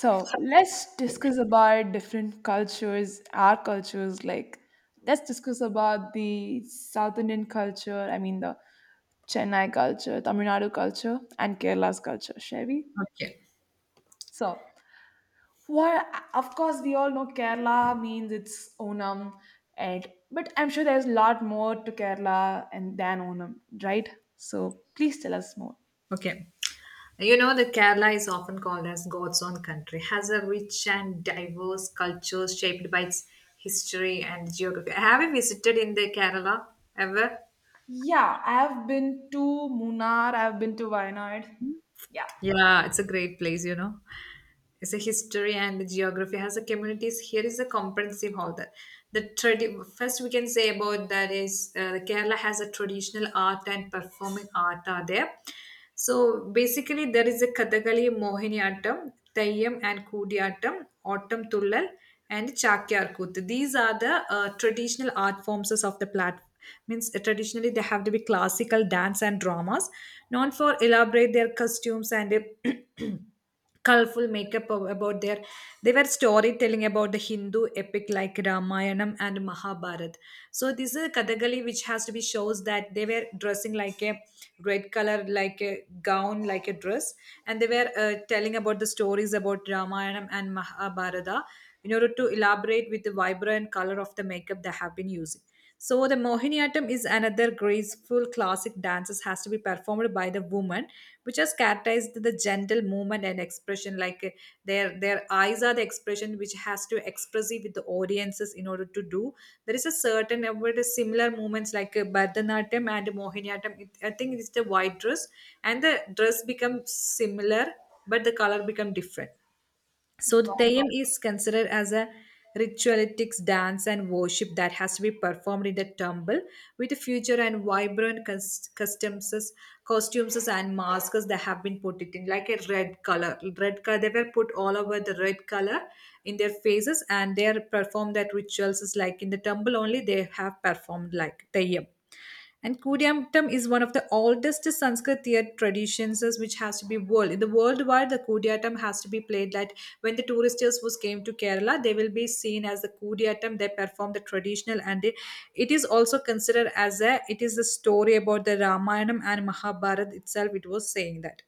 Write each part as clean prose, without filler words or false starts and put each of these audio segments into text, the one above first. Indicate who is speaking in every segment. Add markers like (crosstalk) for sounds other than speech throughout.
Speaker 1: So let's discuss about different cultures, our cultures. Let's discuss about the South Indian culture. I mean, the Chennai culture, Tamil Nadu culture, and Kerala's culture, shall we?
Speaker 2: Okay.
Speaker 1: So, what? Of course, we all know Kerala means it's Onam, and but I'm sure there's a lot more to Kerala and than Onam, right? So, please tell us more.
Speaker 2: Okay. You know that Kerala is often called as God's own country, has a rich and diverse culture shaped by its history and geography. Have you visited in the Kerala ever?
Speaker 1: Yeah, I have been to Munnar. I have been to Wayanad. Yeah.
Speaker 2: Yeah, it's a great place, is a history and the geography has a communities here is a comprehensive holder the first we can say about that is kerala has a traditional art and performing art are there, so basically there is a kathakali, mohiniyattam, Tayyam and Kudiyattam, Ottam Tullal, and Chakyarkuttu. These are the traditional art forms of the platform. Means traditionally they have to be classical dance and dramas, known for elaborate their costumes and uh, (clears throat) colorful makeup about their, they were storytelling about the hindu epic like ramayanam and mahabharat. So this is a kathakali, which has to be shows that they were dressing like a red color, like a gown, like a dress, and they were telling about the stories about ramayanam and mahabharata in order to elaborate with the vibrant color of the makeup they have been using. So the mohiniyattam is another graceful classic dances has to be performed by the woman, which has characterized the gentle movement and expression, like their eyes are the expression which has to express it with the audiences in order to do. There is a certain about the similar movements like Bharatanatyam and Mohiniyattam, it, I think it's the white dress, and the dress becomes similar, but the color become different. So the Theyam is considered as a ritualistic dance and worship that has to be performed in the temple with future and vibrant customs, costumes and masks that have been put it in like a red color. Red color they were put all over the red color in their faces, and they are performed that rituals is like in the temple only they have performed like Theyam. And Kudiyattam is one of the oldest Sanskrit theatre traditions is which has to be world. In the worldwide, the Kudiyattam has to be played that when the tourists was came to Kerala, they will be seen as the Kudiyattam. They perform the traditional and it is also considered as a, it is the story about the Ramayana and Mahabharata itself. It was saying that,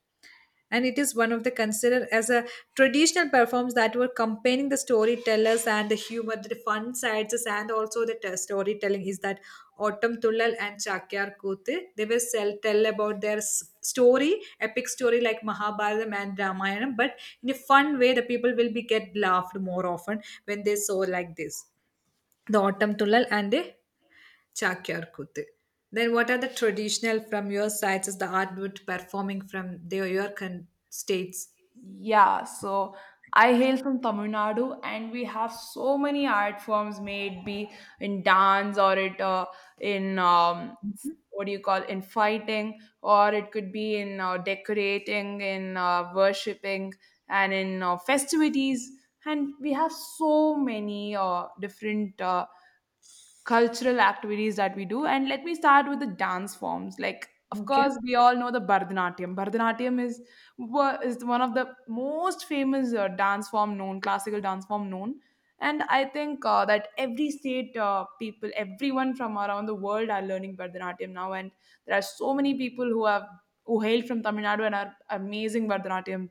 Speaker 2: and it is one of the considered as a traditional performs that were comparing the storytellers and the humor the fun sides and also the storytelling is that autumn tullal and chakyar kuthu, they will sell, tell about their story, epic story like Mahabharata and ramayana, but in a fun way the people will be get laughed more often when they saw like this, the autumn tullal and the Chakyarkuttu. Then what are the traditional from your sides is the artwork performing from their your states?
Speaker 1: Yeah, so I hail from Tamil Nadu, and we have so many art forms made, be in dance or it in
Speaker 2: Mhm.
Speaker 1: what do you call in fighting, or it could be in decorating, in worshipping, and in festivities. And we have so many different. Cultural activities that we do. And let me start with the dance forms. Like, of
Speaker 2: Okay.
Speaker 1: course, we all know the Bharatanatyam. Is one of the most famous dance form known, classical dance form known. And I think that every state people, everyone from around the world are learning Bharatanatyam now. And there are so many people who hail from Tamil Nadu and are amazing Bharatanatyam,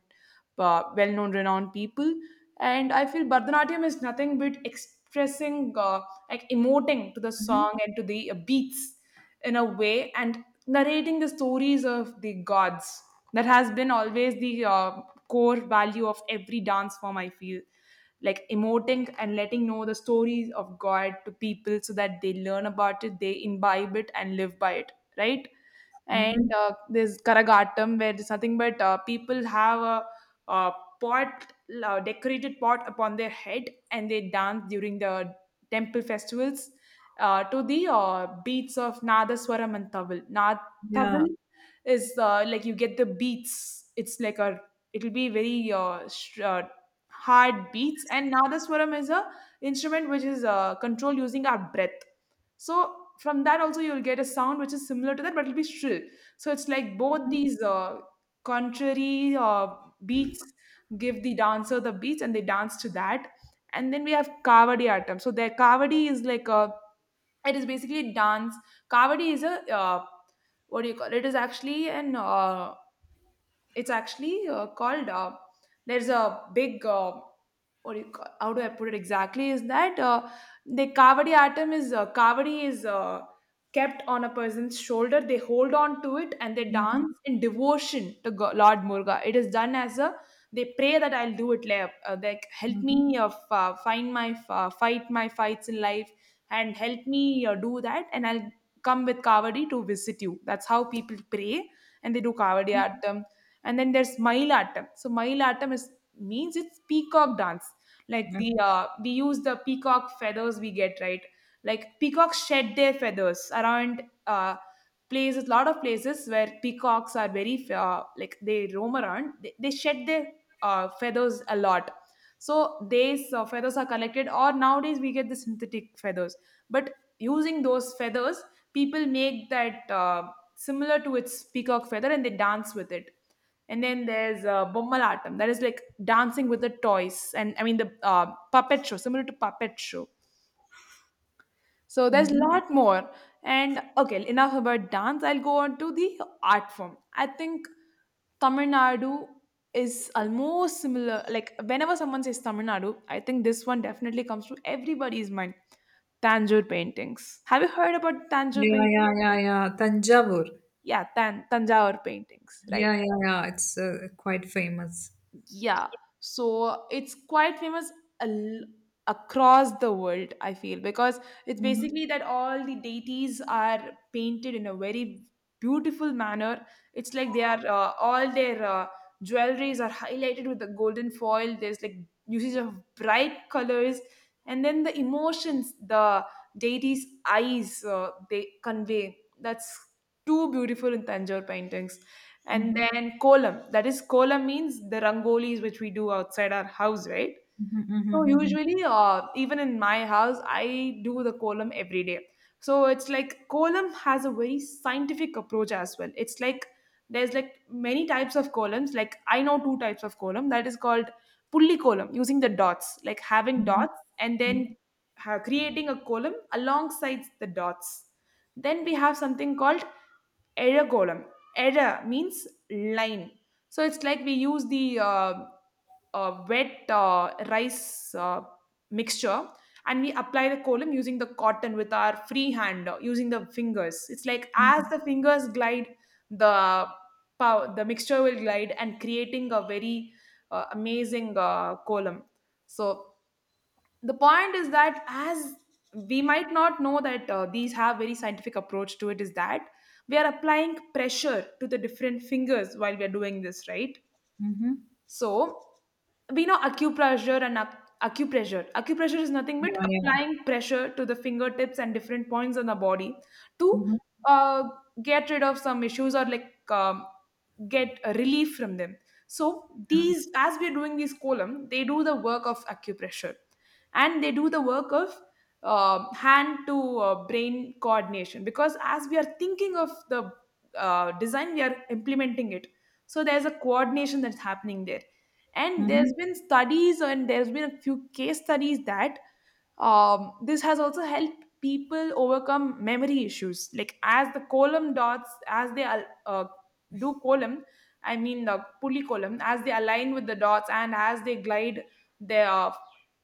Speaker 1: well-known, renowned people. And I feel Bharatanatyam is nothing but expressing. Like emoting to the song
Speaker 2: Mm-hmm.
Speaker 1: and to the beats in a way and narrating the stories of the gods that has been always the core value of every dance form I feel, like emoting and letting know the stories of god to people so that they learn about it, they imbibe it and live by it, right?
Speaker 2: Mm-hmm.
Speaker 1: And there's Karagatam, where there's nothing but people have a pot, decorated pot upon their head, and they dance during the temple festivals to the beats of Nadaswaram and Tavil. Nad
Speaker 2: Yeah.
Speaker 1: Tavil is like you get the beats. It's like a, it'll be very hard beats, and Nadaswaram is a instrument which is controlled using our breath. So from that also you'll get a sound which is similar to that, but it'll be shrill. So it's like both these contrary beats give the dancer the beats, and they dance to that. And then we have kavadi atam. So their kavadi is like a, it is basically dance. Kavadi is a uh, what do you call it? It is actually an it's actually called there's a big what do you call, how do I put it exactly is that the kavadi atom is kavadi is kept on a person's shoulder. They hold on to it and they
Speaker 2: Mm-hmm.
Speaker 1: dance in devotion to Lord Murga. It is done as a, they pray that I'll do it later, like help
Speaker 2: Mm-hmm.
Speaker 1: me find my fight my fights in life and help me do that and I'll come with kavadi to visit you. That's how people pray, and they do kavadi atom. And then there's Mayilattam. So Mayilattam is means it's peacock dance. Like the we use the peacock feathers we get, right? Like peacocks shed their feathers around places, lot of places where peacocks are very like they roam around. They shed their feathers a lot. So these feathers are collected, or nowadays we get the synthetic feathers. But using those feathers, people make that similar to its peacock feather and they dance with it. And then there's Bommalatam, that is like dancing with the toys, and I mean the puppet show, similar to puppet show. So there's a
Speaker 2: Mm-hmm.
Speaker 1: lot more. And okay, enough about dance. I'll go on to the art form. I think Tamil Nadu is almost similar. Like whenever someone says Tamil Nadu, I think this one definitely comes to everybody's mind. Tanjore paintings. Have you heard about Tanjore
Speaker 2: Yeah,
Speaker 1: paintings?
Speaker 2: yeah, yeah, yeah. Tanjavur.
Speaker 1: Yeah, Tanjore paintings, right?
Speaker 2: Yeah, yeah, yeah. It's quite famous.
Speaker 1: Yeah, so it's quite famous al- across the world I feel, because it's
Speaker 2: Mm.
Speaker 1: basically that all the deities are painted in a very beautiful manner. It's like they are all their jewelries are highlighted with the golden foil. There's like usage of bright colors, and then the emotions, the deities' eyes, they convey, that's too beautiful in Tanjore paintings. And
Speaker 2: Mm-hmm.
Speaker 1: then kolam, that is, kolam means the rangolis which we do outside our house, right?
Speaker 2: Mm-hmm.
Speaker 1: So
Speaker 2: Mm-hmm.
Speaker 1: usually, even in my house, I do the kolam every day. So it's like kolam has a very scientific approach as well. It's like there's like many types of columns. Like I know two types of column. That is called pulli column, using the dots, like having
Speaker 2: Mm-hmm.
Speaker 1: dots and then creating a column alongside the dots. Then we have something called error column. Error means line. So it's like we use the wet rice mixture and we apply the column using the cotton with our free hand using the fingers. It's like as the fingers glide, the the mixture will glide and creating a very amazing column. So the point is that as we might not know that these have very scientific approach to it, is that we are applying pressure to the different fingers while we are doing this, right?
Speaker 2: Mm-hmm.
Speaker 1: So we know acupressure and acupressure. Acupressure is nothing
Speaker 2: Yeah,
Speaker 1: but
Speaker 2: yeah.
Speaker 1: applying pressure to the fingertips and different points on the body to
Speaker 2: Mm-hmm.
Speaker 1: uh, get rid of some issues, or like get a relief from them. So these, as we're doing these column, they do the work of acupressure, and they do the work of hand to brain coordination, because as we are thinking of the design, we are implementing it, so there's a coordination that's happening there. And
Speaker 2: Mm-hmm.
Speaker 1: there's been studies and there's been a few case studies that this has also helped people overcome memory issues. Like as the column dots, as they do column, I mean the pulley column, as they align with the dots and as they glide their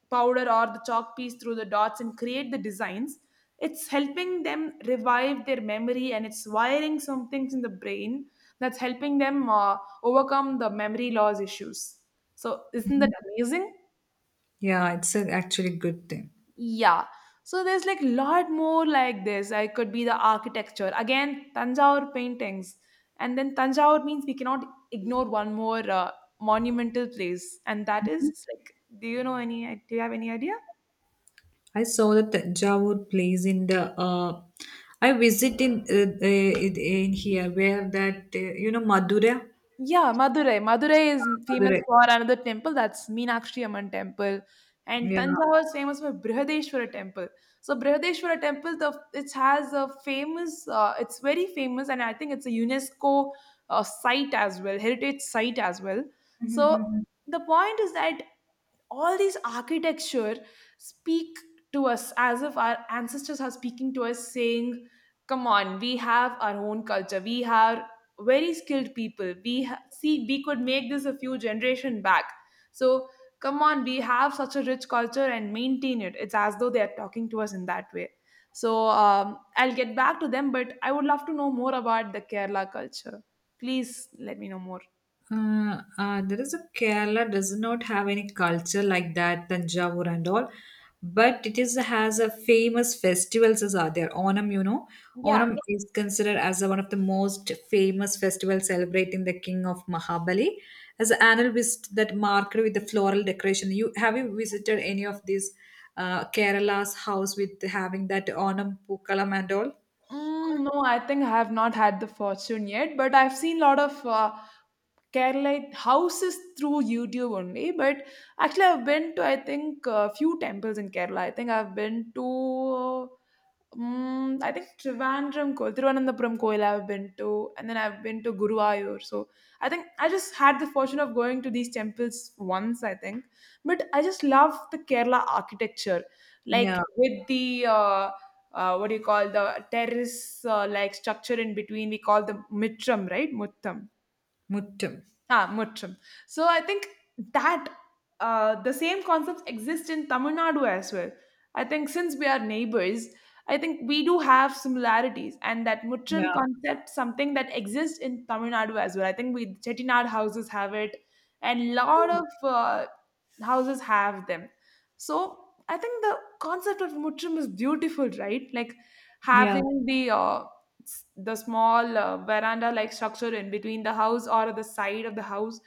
Speaker 1: powder or the chalk piece through the dots and create the designs, it's helping them revive their memory and it's wiring some things in the brain that's helping them overcome the memory loss issues. So isn't that amazing?
Speaker 2: Yeah, it's a actually good thing.
Speaker 1: Yeah. So there's like lot more like this. I could be the architecture again, Tanjore paintings, and then Tanjore means we cannot ignore one more monumental place, and that is like, do you know any? Do you have any idea?
Speaker 2: I saw the Tanjavur place in the. I visit in uh, in here where that you know Madurai.
Speaker 1: Yeah, Madurai. Madurai is famous
Speaker 2: Madurai.
Speaker 1: for another temple, that's Meenakshi Amman temple. And
Speaker 2: Yeah.
Speaker 1: Tanjavur is famous for Brihadeshwara temple. So Brihadeshwara temple, the it has a famous, it's very famous, and I think it's a UNESCO site as well, heritage site as well. So the point is that all these architecture speak to us as if our ancestors are speaking to us, saying, come on, we have our own culture, we are very skilled people, see, we could make this a few generation back. So come on, we have such a rich culture and maintain it. It's as though they are talking to us in that way. So I'll get back to them, but I would love to know more about the Kerala culture. Please let me know more.
Speaker 2: There is a Kerala does not have any culture like that, Tanjavur and all, but it is has a famous festivals as are there. Onam, you know,
Speaker 1: Yeah.
Speaker 2: Onam is considered as one of the most famous festivals celebrating the king of Mahabali as an annual visit that marked with the floral decoration. You have you visited any of these Kerala's house with having that Onam Pookalam and all?
Speaker 1: Mm, no, I think I have not had the fortune yet, but I've seen lot of Kerala houses through YouTube only. But actually, I've been to I think a few temples in Kerala. I think I've been to, I think Trivandrum, Thiruvananthapuram Koil, I've been to, and then I've been to Guruvayur. So I think I just had the fortune of going to these temples once, I think. But I just love the Kerala architecture, like
Speaker 2: Yeah,
Speaker 1: with the what do you call, the terrace like structure in between, we call the mitram right muttam.
Speaker 2: Muttam.
Speaker 1: Ah, Mutram. So I think that the same concepts exist in Tamil Nadu as well. I think since we are neighbors, I think we do have similarities, and that Mutram
Speaker 2: Yeah,
Speaker 1: concept something that exists in Tamil Nadu as well. I think we Chettinad houses have it, and lot of houses have them. So I think the concept of Mutram is beautiful, right? Like
Speaker 2: yeah.
Speaker 1: having the the small veranda like structure in between the house or the side of the house,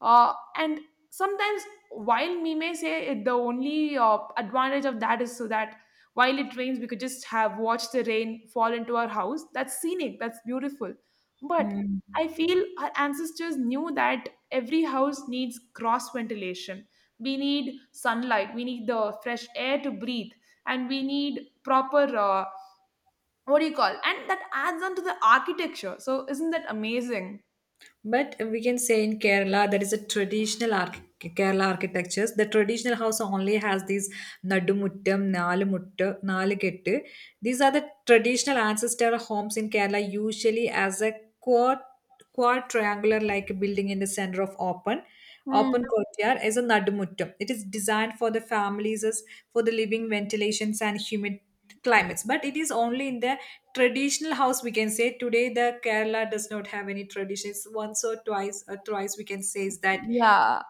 Speaker 1: and sometimes, while we may say it, the only advantage of that is so that while it rains, we could just have watched the rain fall into our house. That's scenic, that's beautiful. But
Speaker 2: Mm.
Speaker 1: I feel our ancestors knew that every house needs cross ventilation, we need sunlight, we need the fresh air to breathe, and we need proper what do you call, and that adds on to the architecture. So isn't that amazing?
Speaker 2: But we can say in Kerala, there is a traditional Kerala architectures. The traditional house only has these nadumuttam, nalumuttu, nalukettu. These are the traditional ancestor homes in Kerala, usually as a quad, quad triangular like building in the center of open. Open
Speaker 1: Hmm.
Speaker 2: courtyard is a nadumuttam. It is designed for the families, as for the living ventilations and humid climates. But it is only in the traditional house, we can say today the kerala does not have any traditions once or twice or twice, we can say is that,
Speaker 1: Yeah,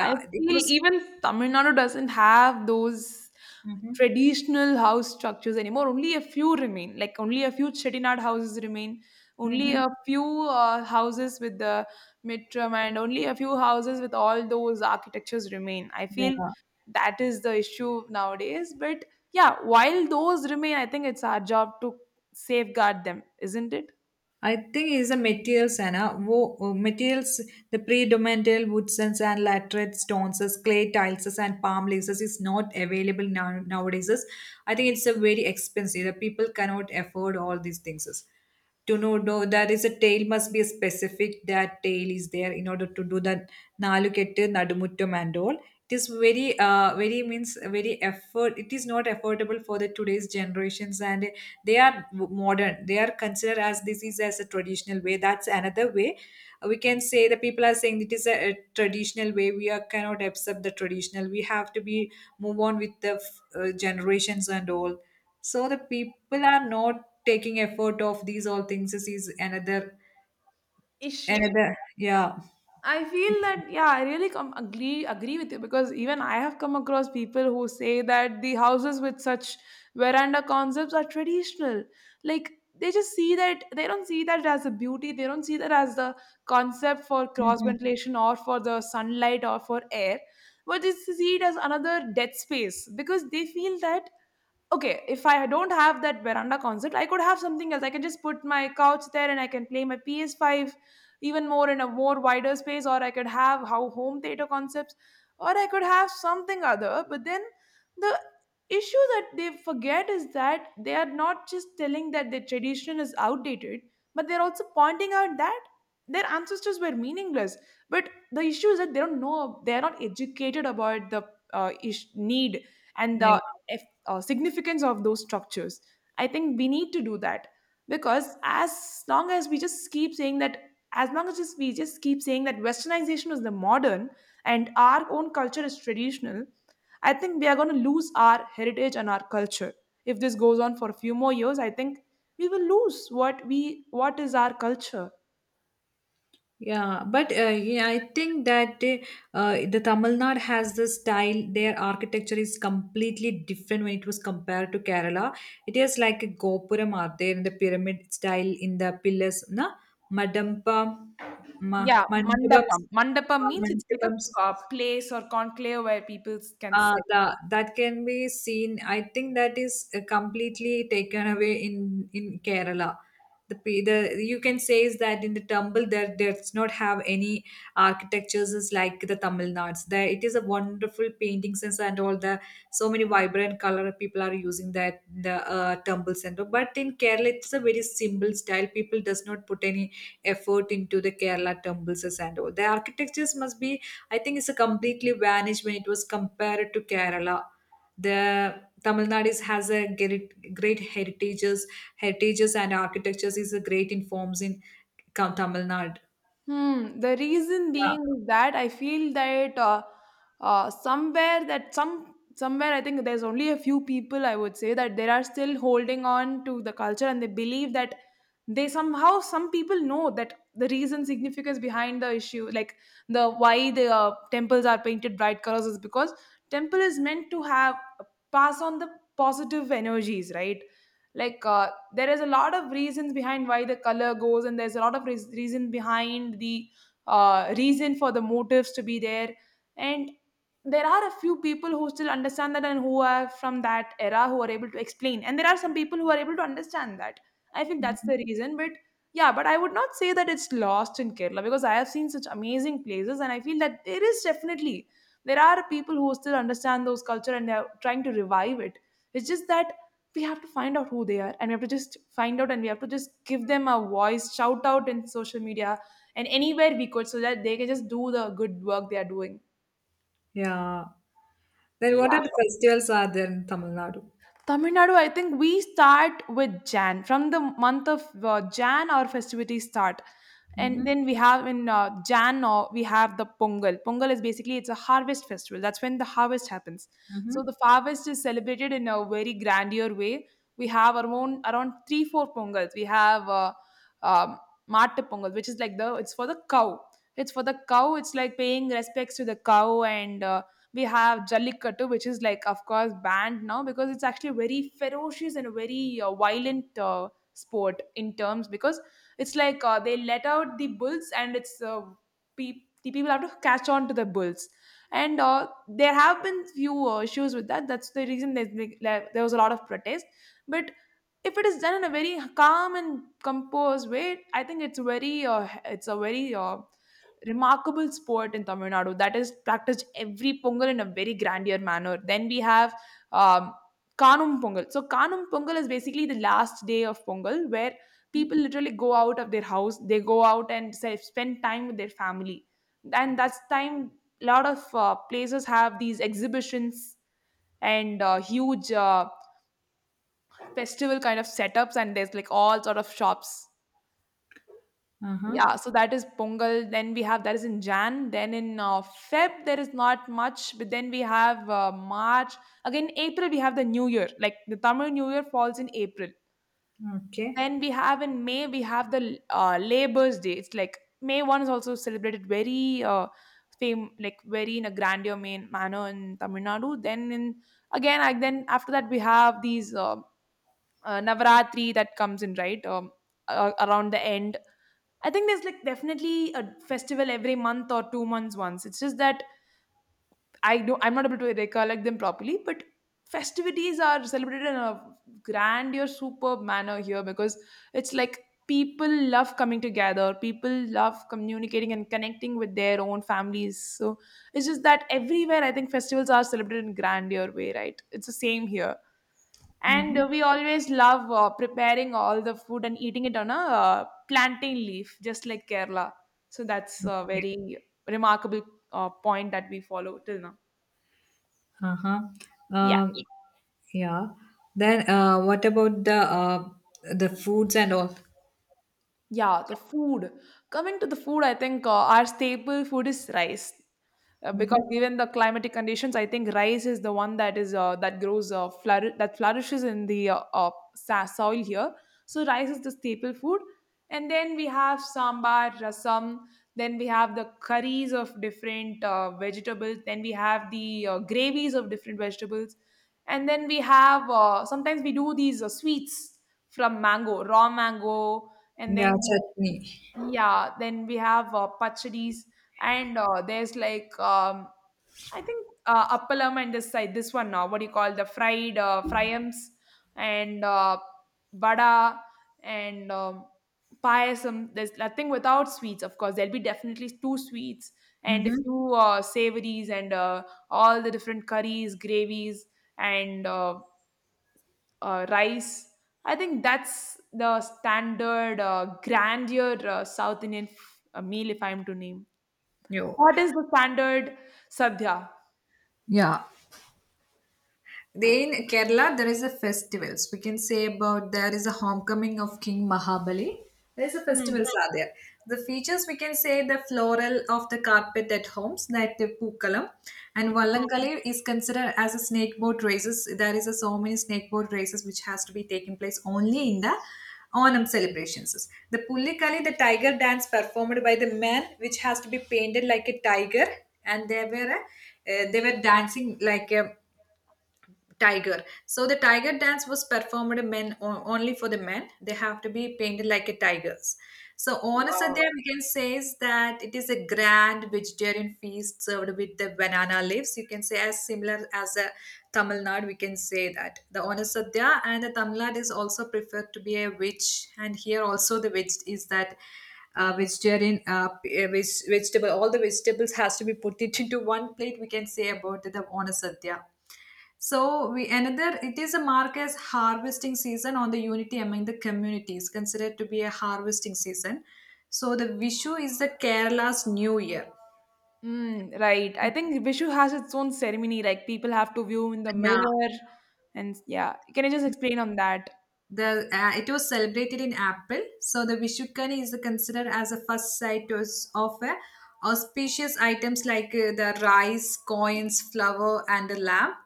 Speaker 1: I
Speaker 2: it
Speaker 1: feel
Speaker 2: was.
Speaker 1: even Tamil Nadu doesn't have those
Speaker 2: Hmm.
Speaker 1: traditional house structures anymore. Only a few remain, like only a few Chettinad houses remain. Only
Speaker 2: Hmm.
Speaker 1: a few houses with the mitram and only a few houses with all those architectures remain. I feel
Speaker 2: Yeah,
Speaker 1: that is the issue nowadays. But yeah, while those remain, I think it's our job to safeguard them, isn't it?
Speaker 2: I think is the materials anna wo, materials the predominant woodsens and sand, laterite stones as clay tiles as and palm leaves as is not available now nowadays as. I think it's a very expensive, the people cannot afford all these things as. To know, no, there is a tale must be specific, that tale is there in order to do that nalukette nadumuttam and all. It is very very means very effort, it is not affordable for the today's generations, and they are modern, they are considered as this is as a traditional way, that's another way. We can say the people are saying it is a traditional way, we are cannot accept the traditional, we have to be move on with the generations and all. So the people are not taking effort of these all things, this is another.
Speaker 1: Issue.
Speaker 2: Another, yeah.
Speaker 1: I feel that, yeah, I really come agree with you because even I have come across people who say that the houses with such veranda concepts are traditional. Like, they just see that, they don't see that as a beauty. They don't see that as the concept for cross
Speaker 2: Hmm.
Speaker 1: ventilation or for the sunlight or for air, but they see it as another dead space because they feel that, okay, if I don't have that veranda concept, I could have something else, I can just put my couch there and I can play my ps5 even more in a more wider space, or I could have how home theater concepts or I could have something other. But then the issue that they forget is that they are not just telling that the tradition is outdated, but they're also pointing out that their ancestors were meaningless. But the issue is that they don't know, they are not educated about the need and the
Speaker 2: Yeah,
Speaker 1: significance of those structures. I think we need to do that because as long as we just keep saying that, as long as we just keep saying that westernization is the modern and our own culture is traditional, I think we are going to lose our heritage and our culture. If this goes on for a few more years, I think we will lose what is our culture.
Speaker 2: yeah, but yeah I think that the tamil nadu has the style, their architecture is completely different when it was compared to kerala. It is like a gopuram are there in the pyramid style in the pillars na, madampa, ma,
Speaker 1: Yeah,
Speaker 2: mandapam,
Speaker 1: mandapam. Mandapam means it's like
Speaker 2: mandapams.
Speaker 1: a place or conclave where people can sit.
Speaker 2: The, that can be seen. I think that is completely taken away in Kerala. The, the you can say is that in the Tamil there does not have any architectures is like the Tamil Nads. There it is a wonderful painting sense and all the so many vibrant color people are using that the Tamil center. But in Kerala it's a very simple style. People does not put any effort into the Kerala temples and all. The architectures must be, I think it's a completely vanished when it was compared to Kerala. The Tamil Nadu has a great, great heritages, heritages and architectures is a great in forms in Tamil Nadu.
Speaker 1: Hmm. The reason
Speaker 2: Yeah.
Speaker 1: being is that I feel that somewhere that somewhere I think there's only a few people, I would say, that they are still holding on to the culture and they believe that they somehow, some people know that the reason significance behind the issue, like the why the temples are painted bright colors is because temple is meant to have pass on the positive energies, right? Like there is a lot of reasons behind why the color goes, and there's a lot of reason behind the reason for the motives to be there. And there are a few people who still understand that and who are from that era, who are able to explain, and there are some people who are able to understand that. I feel that's
Speaker 2: Mhm.
Speaker 1: the reason. But yeah, but I would not say that it's lost in Kerala, because I have seen such amazing places and I feel that there is definitely, there are people who still understand those culture and they are trying to revive it. It's just that we have to find out who they are, and we have to just find out and we have to just give them a voice, shout out in social media and anywhere we could, so that they can just do the good work they are doing.
Speaker 2: Yeah. Then what are
Speaker 1: Yeah.
Speaker 2: the festivals are there in Tamil Nadu?
Speaker 1: Tamil Nadu, I think we start with Jan. From the month of Jan, our festivities start. And
Speaker 2: Mm-hmm.
Speaker 1: then we have in Jan, we have the Pongal. Pongal is basically, it's a harvest festival. That's when the harvest happens.
Speaker 2: Mm-hmm.
Speaker 1: So the harvest is celebrated in a very grandeur way. We have our own around three, four Pongals. We have um, Mata Pongal, which is like, the it's for the cow. It's for the cow. It's like paying respects to the cow. And we have Jallikattu, which is like, of course, banned now because it's actually a very ferocious and a very violent sport in terms, because it's like they let out the bulls, and it's the people have to catch on to the bulls. And there have been few issues with that. That's the reason there's been, like, there was a lot of protest. But if it is done in a very calm and composed way, I think it's very it's a very remarkable sport in Tamil Nadu that is practiced every Pongal in a very grandeur manner. Then we have um, Kanum Pongal. So Kanum Pongal is basically the last day of Pongal, where people literally go out of their house, they go out and say, spend time with their family. And that's time a lot of places have these exhibitions and huge festival kind of setups, and there's like all sort of shops.
Speaker 2: Uh-huh.
Speaker 1: Yeah, so that is Pongal. Then we have, that is in Jan. Then in Feb, there is not much, but then we have March, again April, we have the new year, like the Tamil new year falls in April.
Speaker 2: Okay.
Speaker 1: Then we have in May, we have the Labor's Day. It's like May 1 is also celebrated very fame, like very in a grandeur main manner in Tamil Nadu. Then in, again, I, then after that we have these Navaratri that comes in right around the end. I think there's like definitely a festival every month or 2 months once. It's just that I don't, I'm not able to recollect them properly, but festivities are celebrated in a grandeur, superb manner here because it's like people love coming together, people love communicating and connecting with their own families. So it's just that everywhere I think festivals are celebrated in grandeur way, right? It's the same here. And
Speaker 2: Mm-hmm.
Speaker 1: we always love preparing all the food and eating it on a plantain leaf, just like Kerala. So that's a
Speaker 2: Okay.
Speaker 1: very remarkable point that we follow till now.
Speaker 2: Uh-huh.
Speaker 1: Yeah.
Speaker 2: Um, yeah. Then what about uh, the foods and all?
Speaker 1: Yeah, the food. Coming to the food, I think our staple food is rice. Because
Speaker 2: Mm-hmm.
Speaker 1: given the climatic conditions, I think rice is the one that is that grows that flourishes in the soil here. So rice is the staple food, and then we have sambar, rasam. Then we have the curries of different vegetables. Then we have the gravies of different vegetables, and then we have sometimes we do these sweets from mango, raw mango, and
Speaker 2: Ja,
Speaker 1: then
Speaker 2: Chutney.
Speaker 1: yeah, then we have pachadis, and there's like I think appalam and this side, this one, now what do you call, the fried fryams, and vada, and payasam. There's nothing without sweets, of course. There'll be definitely two sweets and
Speaker 2: Mhm.
Speaker 1: two savories, and all the different curries, gravies, and rice. I think that's the standard grandeur South Indian meal, if I'm to name.
Speaker 2: Jo.
Speaker 1: What is the standard sadhya?
Speaker 2: Ja, they in Kerala, there is a festivals. We can say about there is a homecoming of King Mahabali. There is a
Speaker 1: Hmm.
Speaker 2: festivals are there. The features we can say the floral of the carpet at homes that the Pookalam, and
Speaker 1: Hmm.
Speaker 2: Vallankali is considered as a snake boat races. There is a so many snake boat races which has to be taking place only in the Onam celebrations. The Pullikali, the tiger dance performed by the man, which has to be painted like a tiger, and they were a, they were dancing like a tiger. So the tiger dance was performed men only for the men, they have to be painted like a tigers. So on a
Speaker 1: Wow.
Speaker 2: sadhya we can say is that it is a grand vegetarian feast served with the banana leaves, you can say as similar as a tamil nadu. We can say that the onasadya and the tamil nadu is also preferred to be a witch, and here also the witch is that vegetarian vegetable, all the vegetables has to be put it into one plate, we can say about the onasadya. So we another it is a mark as harvesting season on the unity among the communities, considered to be a harvesting season. So the Vishu is the Kerala's New Year.
Speaker 1: Mm, right. I think Vishu has its own ceremony. Like, people have to view in the
Speaker 2: Yeah,
Speaker 1: mirror, and yeah. Can you just explain on that?
Speaker 2: the it was celebrated in April. So the Vishukkani is considered as a first sight of auspicious items like the rice, coins, flour, and a lamp.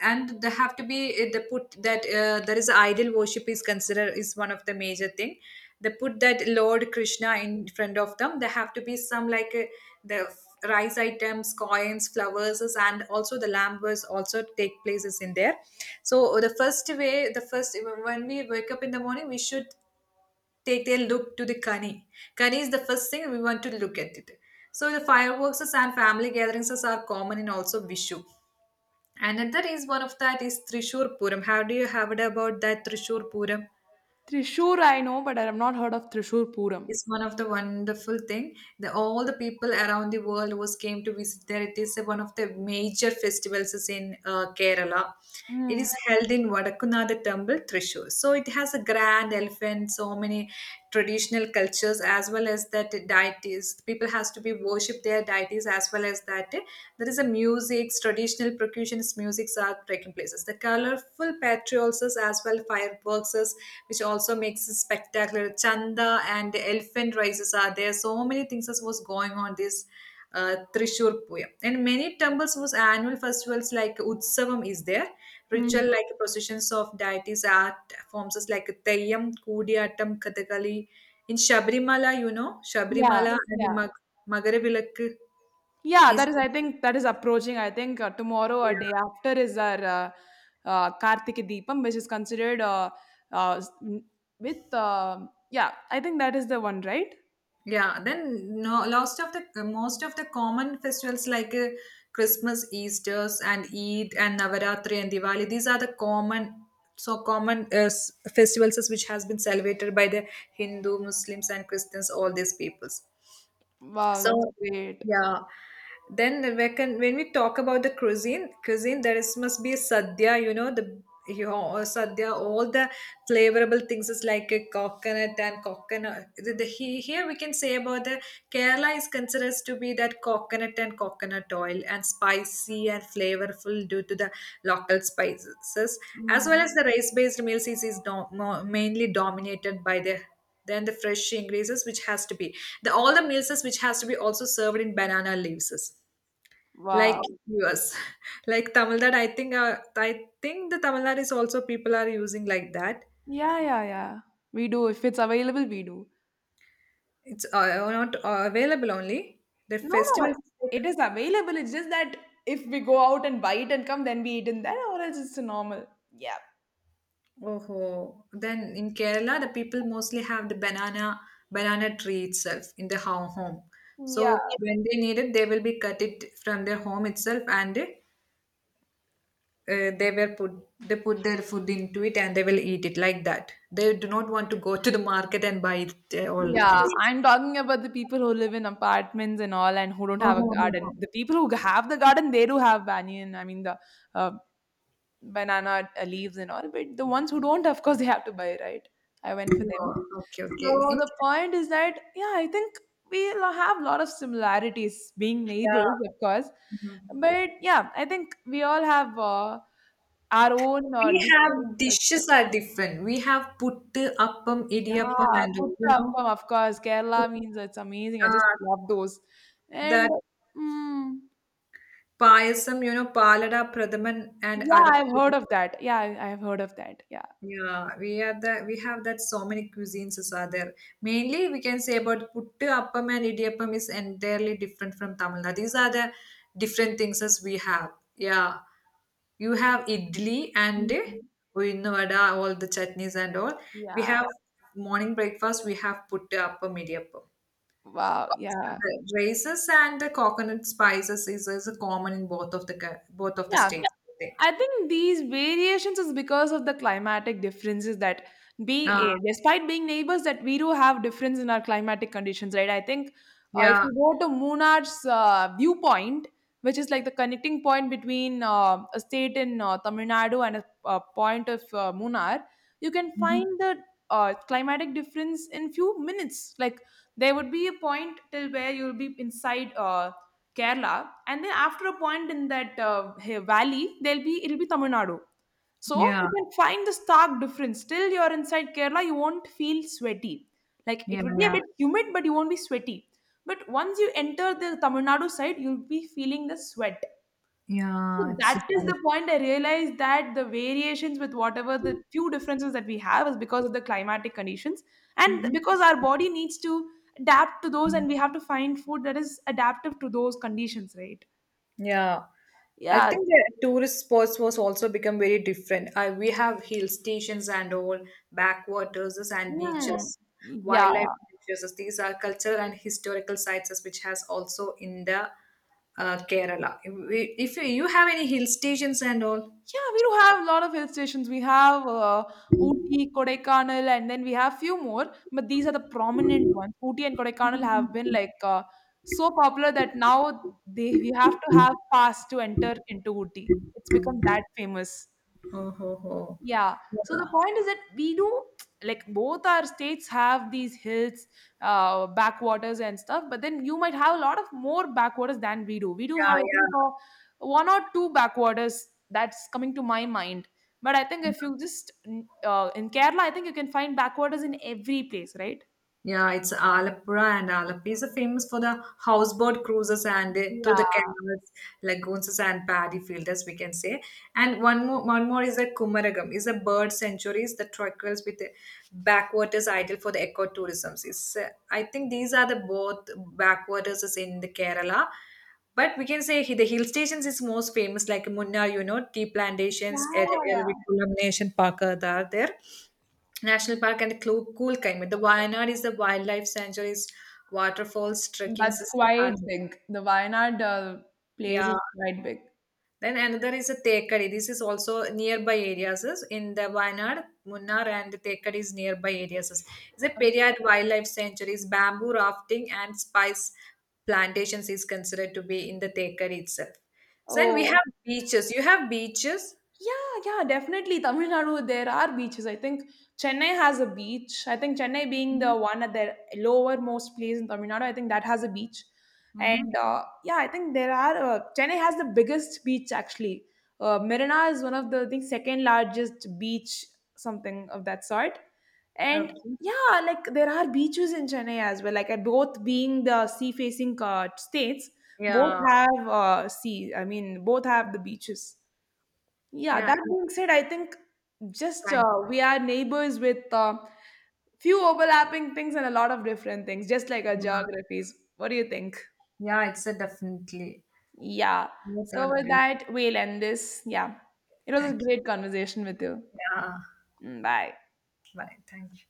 Speaker 2: And they have to be they put that there is idol worship is considered is one of the major thing. They put that Lord Krishna in front of them. They have to be some like the rice items, coins, flowers, and also the lamb was also take places in there. So the first way, the first, when we wake up in the morning we should take a look to the kani. Kani is the first thing we want to look at it. So the fireworks and family gatherings are common in also vishu. Another is one of that is trishur puram, how do you have it about that trishur puram?
Speaker 1: Trishur, I know, but I have not heard of Trishur Puram.
Speaker 2: Is one of the wonderful thing. The, all the people around the world was came to visit there. It is one of the major festivals is in Kerala. It
Speaker 1: Mm,
Speaker 2: is held in Vadakunatha Temple, Thrissur. So it has a grand elephant, so many traditional cultures as well as that deities. People has to be worship their deities as well as that. There is a music, traditional percussionist musics are taking places. The colorful patrols as well, fireworks, which also makes it spectacular. Chanda and the elephant races are there. So many things as was going on this Trishur Puya. And many temples was annual festivals like Utsavam is there. Ritual
Speaker 1: mm.
Speaker 2: like processions of deities, art forms is like Teyyam, Koodiyatam, Kathakali. In Shabrimala, you know,
Speaker 1: Yeah,
Speaker 2: Shabrimala. Yeah. And
Speaker 1: yeah.
Speaker 2: Mag- Magaravilakku
Speaker 1: Yeah,
Speaker 2: is.
Speaker 1: that is, I think that is approaching. I think tomorrow or day after is our Karthika Deepam, which is considered s- n- with yeah. I think that is the one, right?
Speaker 2: Yeah, then no, most of the common festivals like Christmas, Easter's, and Eid and Navaratri and Diwali. These are the common so common festivals as which has been celebrated by the Hindu, Muslims, and Christians, all these peoples.
Speaker 1: Wow,
Speaker 2: So,
Speaker 1: that's great.
Speaker 2: yeah. Then we can, when we talk about the cuisine, there is must be a sadhya. You know sadhya, all the flavorable things is like a coconut and coconut. Here we can say about the Kerala is considered to be that coconut and coconut oil and spicy and flavorful due to the local spices, as well
Speaker 1: Mm.
Speaker 2: as the rice-based meals is, mainly dominated by the then the fresh ingredients which has to be the all the meals is which has to be also served in banana leaves is. Like
Speaker 1: Wow.
Speaker 2: us (laughs) like Tamil Nadu I think I think the Tamil Nadu is also people are using like that.
Speaker 1: Yeah, yeah, yeah. We do. If it's available, we do.
Speaker 2: It's not available only the
Speaker 1: No,
Speaker 2: festival
Speaker 1: no,
Speaker 2: is like.
Speaker 1: it is available. It's just that if we go out and buy it and come, then we eat in that, or else it's normal. Yeah.
Speaker 2: Oh, then in Kerala the people mostly have the banana tree itself in the home. So
Speaker 1: Yeah.
Speaker 2: when they need it they will be cut it from their home itself and they were put they put their food into it and they will eat it like that. They do not want to go to the market and buy it, all
Speaker 1: Yeah,
Speaker 2: things. (laughs)
Speaker 1: I'm talking about the people who live in apartments and all, and who don't
Speaker 2: Oh,
Speaker 1: have a
Speaker 2: oh, oh,
Speaker 1: garden.
Speaker 2: oh.
Speaker 1: The people who have the garden, they do have banyan. I mean, the uh, banana leaves and all. But the ones who don't, of course, they have to buy, right? I went for
Speaker 2: Yeah,
Speaker 1: them.
Speaker 2: okay, okay.
Speaker 1: So the point is that, yeah, I think have a lot of similarities being neighbors,
Speaker 2: Yeah.
Speaker 1: of course.
Speaker 2: Mhm.
Speaker 1: But yeah, I think we all have our own
Speaker 2: We
Speaker 1: distinct
Speaker 2: have
Speaker 1: culture.
Speaker 2: dishes are different. We have puttu appam
Speaker 1: Yeah,
Speaker 2: idiyappam and all,
Speaker 1: putta
Speaker 2: you know
Speaker 1: appam, of course. Kerala
Speaker 2: put-
Speaker 1: means it's amazing. I just
Speaker 2: uh,
Speaker 1: love those. And
Speaker 2: that
Speaker 1: mm,
Speaker 2: payasam, you know, palada pradhaman
Speaker 1: yeah,
Speaker 2: and adap.
Speaker 1: I've heard of that. Yeah, I've heard of that. Yeah.
Speaker 2: Yeah, we have that. We have that so many cuisines as are there. Mainly, we can say about puttu appam and idiyappam is entirely different from Tamil Nadu. These are the different things as we have. Yeah, you have idli and
Speaker 1: Mm,
Speaker 2: uyyana vada, all the chutneys and all. We
Speaker 1: yeah.
Speaker 2: have morning breakfast. We have puttu appam, idiyappam.
Speaker 1: Wow. Yeah.
Speaker 2: The raisins and the coconut spices is common in both of the
Speaker 1: Yeah.
Speaker 2: states, I think.
Speaker 1: I think these variations is because of the climatic differences that
Speaker 2: Uh,
Speaker 1: despite being neighbors that we do have difference in our climatic conditions, right? I think if
Speaker 2: yeah.
Speaker 1: you go to Munar's viewpoint, which is like the connecting point between a state in Tamil Nadu and a point of Munar, you can find
Speaker 2: Mhm.
Speaker 1: the climatic difference in few minutes. Like, there would be a point till where you'll be inside Kerala, and then after a point in that valley there'll be, it'll be Tamil Nadu. So you
Speaker 2: Yeah.
Speaker 1: can find the stark difference. Till you're inside Kerala you won't feel sweaty, like it
Speaker 2: Yeah.
Speaker 1: would be a
Speaker 2: Yeah.
Speaker 1: bit humid but you won't be sweaty, but once you enter the Tamil Nadu side you'll be feeling the sweat.
Speaker 2: Yeah,
Speaker 1: So
Speaker 2: it's
Speaker 1: that is
Speaker 2: so.
Speaker 1: the point I realized, that the variations with whatever the few differences that we have is because of the climatic conditions, and
Speaker 2: Mhm.
Speaker 1: because our body needs to adapt to those, and we have to find food that is adaptive to those conditions, right?
Speaker 2: Yeah. I
Speaker 1: Yeah.
Speaker 2: think the tourist spots was also become very different. I, we have hill stations and all, backwaters and
Speaker 1: Hmm.
Speaker 2: beaches,
Speaker 1: Yeah.
Speaker 2: wildlife beaches. These are cultural and historical sites as which has also in the Kerala. If you have any hill stations and all.
Speaker 1: Yeah, we do have a lot of hill stations. We have Ooty, Kodaikanal, and then we have few more, but these are the prominent ones. Ooty and Kodaikanal have been like so popular that now they we have to have pass to enter into Ooty. It's become that famous.
Speaker 2: Oh, ho, ho.
Speaker 1: Yeah. So the
Speaker 2: Yeah,
Speaker 1: point is that we do (tsk) like both our states have these hills, backwaters and stuff, but then you might have a lot of more backwaters than we do. We do
Speaker 2: yeah,
Speaker 1: have, I
Speaker 2: yeah.
Speaker 1: think, one or two backwaters that's coming to my mind. But I think if you just in Kerala, I think you can find backwaters in every place, right?
Speaker 2: Yeah, it's Alapura, and Alapi is famous for the houseboat cruises and the, through
Speaker 1: Yeah,
Speaker 2: the canals, lagoons, and paddy fields, as we can say. And one more is the Kumaragam, is a bird sanctuary, is the trochals with the backwaters ideal for the ecotourism. It's, I think these are the both backwaters is in the Kerala. But we can say the hill stations is most famous, like Munnar, you know, tea
Speaker 1: yeah,
Speaker 2: plantations,
Speaker 1: yeah, yeah.
Speaker 2: Erivikulam Nation Park are there. National Park and the Coolclimate. The Wayanad is the wildlife sanctuaries, waterfalls, trekking.
Speaker 1: That's
Speaker 2: Is-
Speaker 1: quite big. The Wayanad place is
Speaker 2: yeah.
Speaker 1: quite big.
Speaker 2: Then another is a Tekadi. This is also nearby areas is in the Wayanad, Munnar, and the Tekadi is nearby areas is. It's a
Speaker 1: Okay.
Speaker 2: Periyar wildlife sanctuaries, bamboo rafting and spice plantations is considered to be in the Tekadi itself. So then we
Speaker 1: Oh,
Speaker 2: have beaches. You have beaches.
Speaker 1: yeah, yeah, definitely. Tamil Nadu, there are beaches. I think Chennai has a beach. I think Chennai being
Speaker 2: Hmm.
Speaker 1: the one at the lowermost place in Tamil Nadu, I think that has a beach.
Speaker 2: Hmm.
Speaker 1: And yeah, I think there are, Chennai has the biggest beach actually. Marina is one of the, I think, second largest beach, something of that sort. And
Speaker 2: Okay.
Speaker 1: yeah, like there are beaches in Chennai as well. Like, both being the sea facing states, both
Speaker 2: Yeah.
Speaker 1: have sea, I mean, both have the beaches. Yeah,
Speaker 2: Yeah.
Speaker 1: that being said, I think just
Speaker 2: Thank you.
Speaker 1: we are neighbors with few overlapping things and a lot of different things, just like our
Speaker 2: Yeah.
Speaker 1: geographies. What do you think?
Speaker 2: Yeah, it's a definitely.
Speaker 1: Yeah.
Speaker 2: Both
Speaker 1: So
Speaker 2: are
Speaker 1: with
Speaker 2: beautiful.
Speaker 1: that, we'll end this. Yeah. It was a
Speaker 2: Thank
Speaker 1: great conversation with you.
Speaker 2: you. Yeah.
Speaker 1: Mm, bye.
Speaker 2: Bye. Thank you.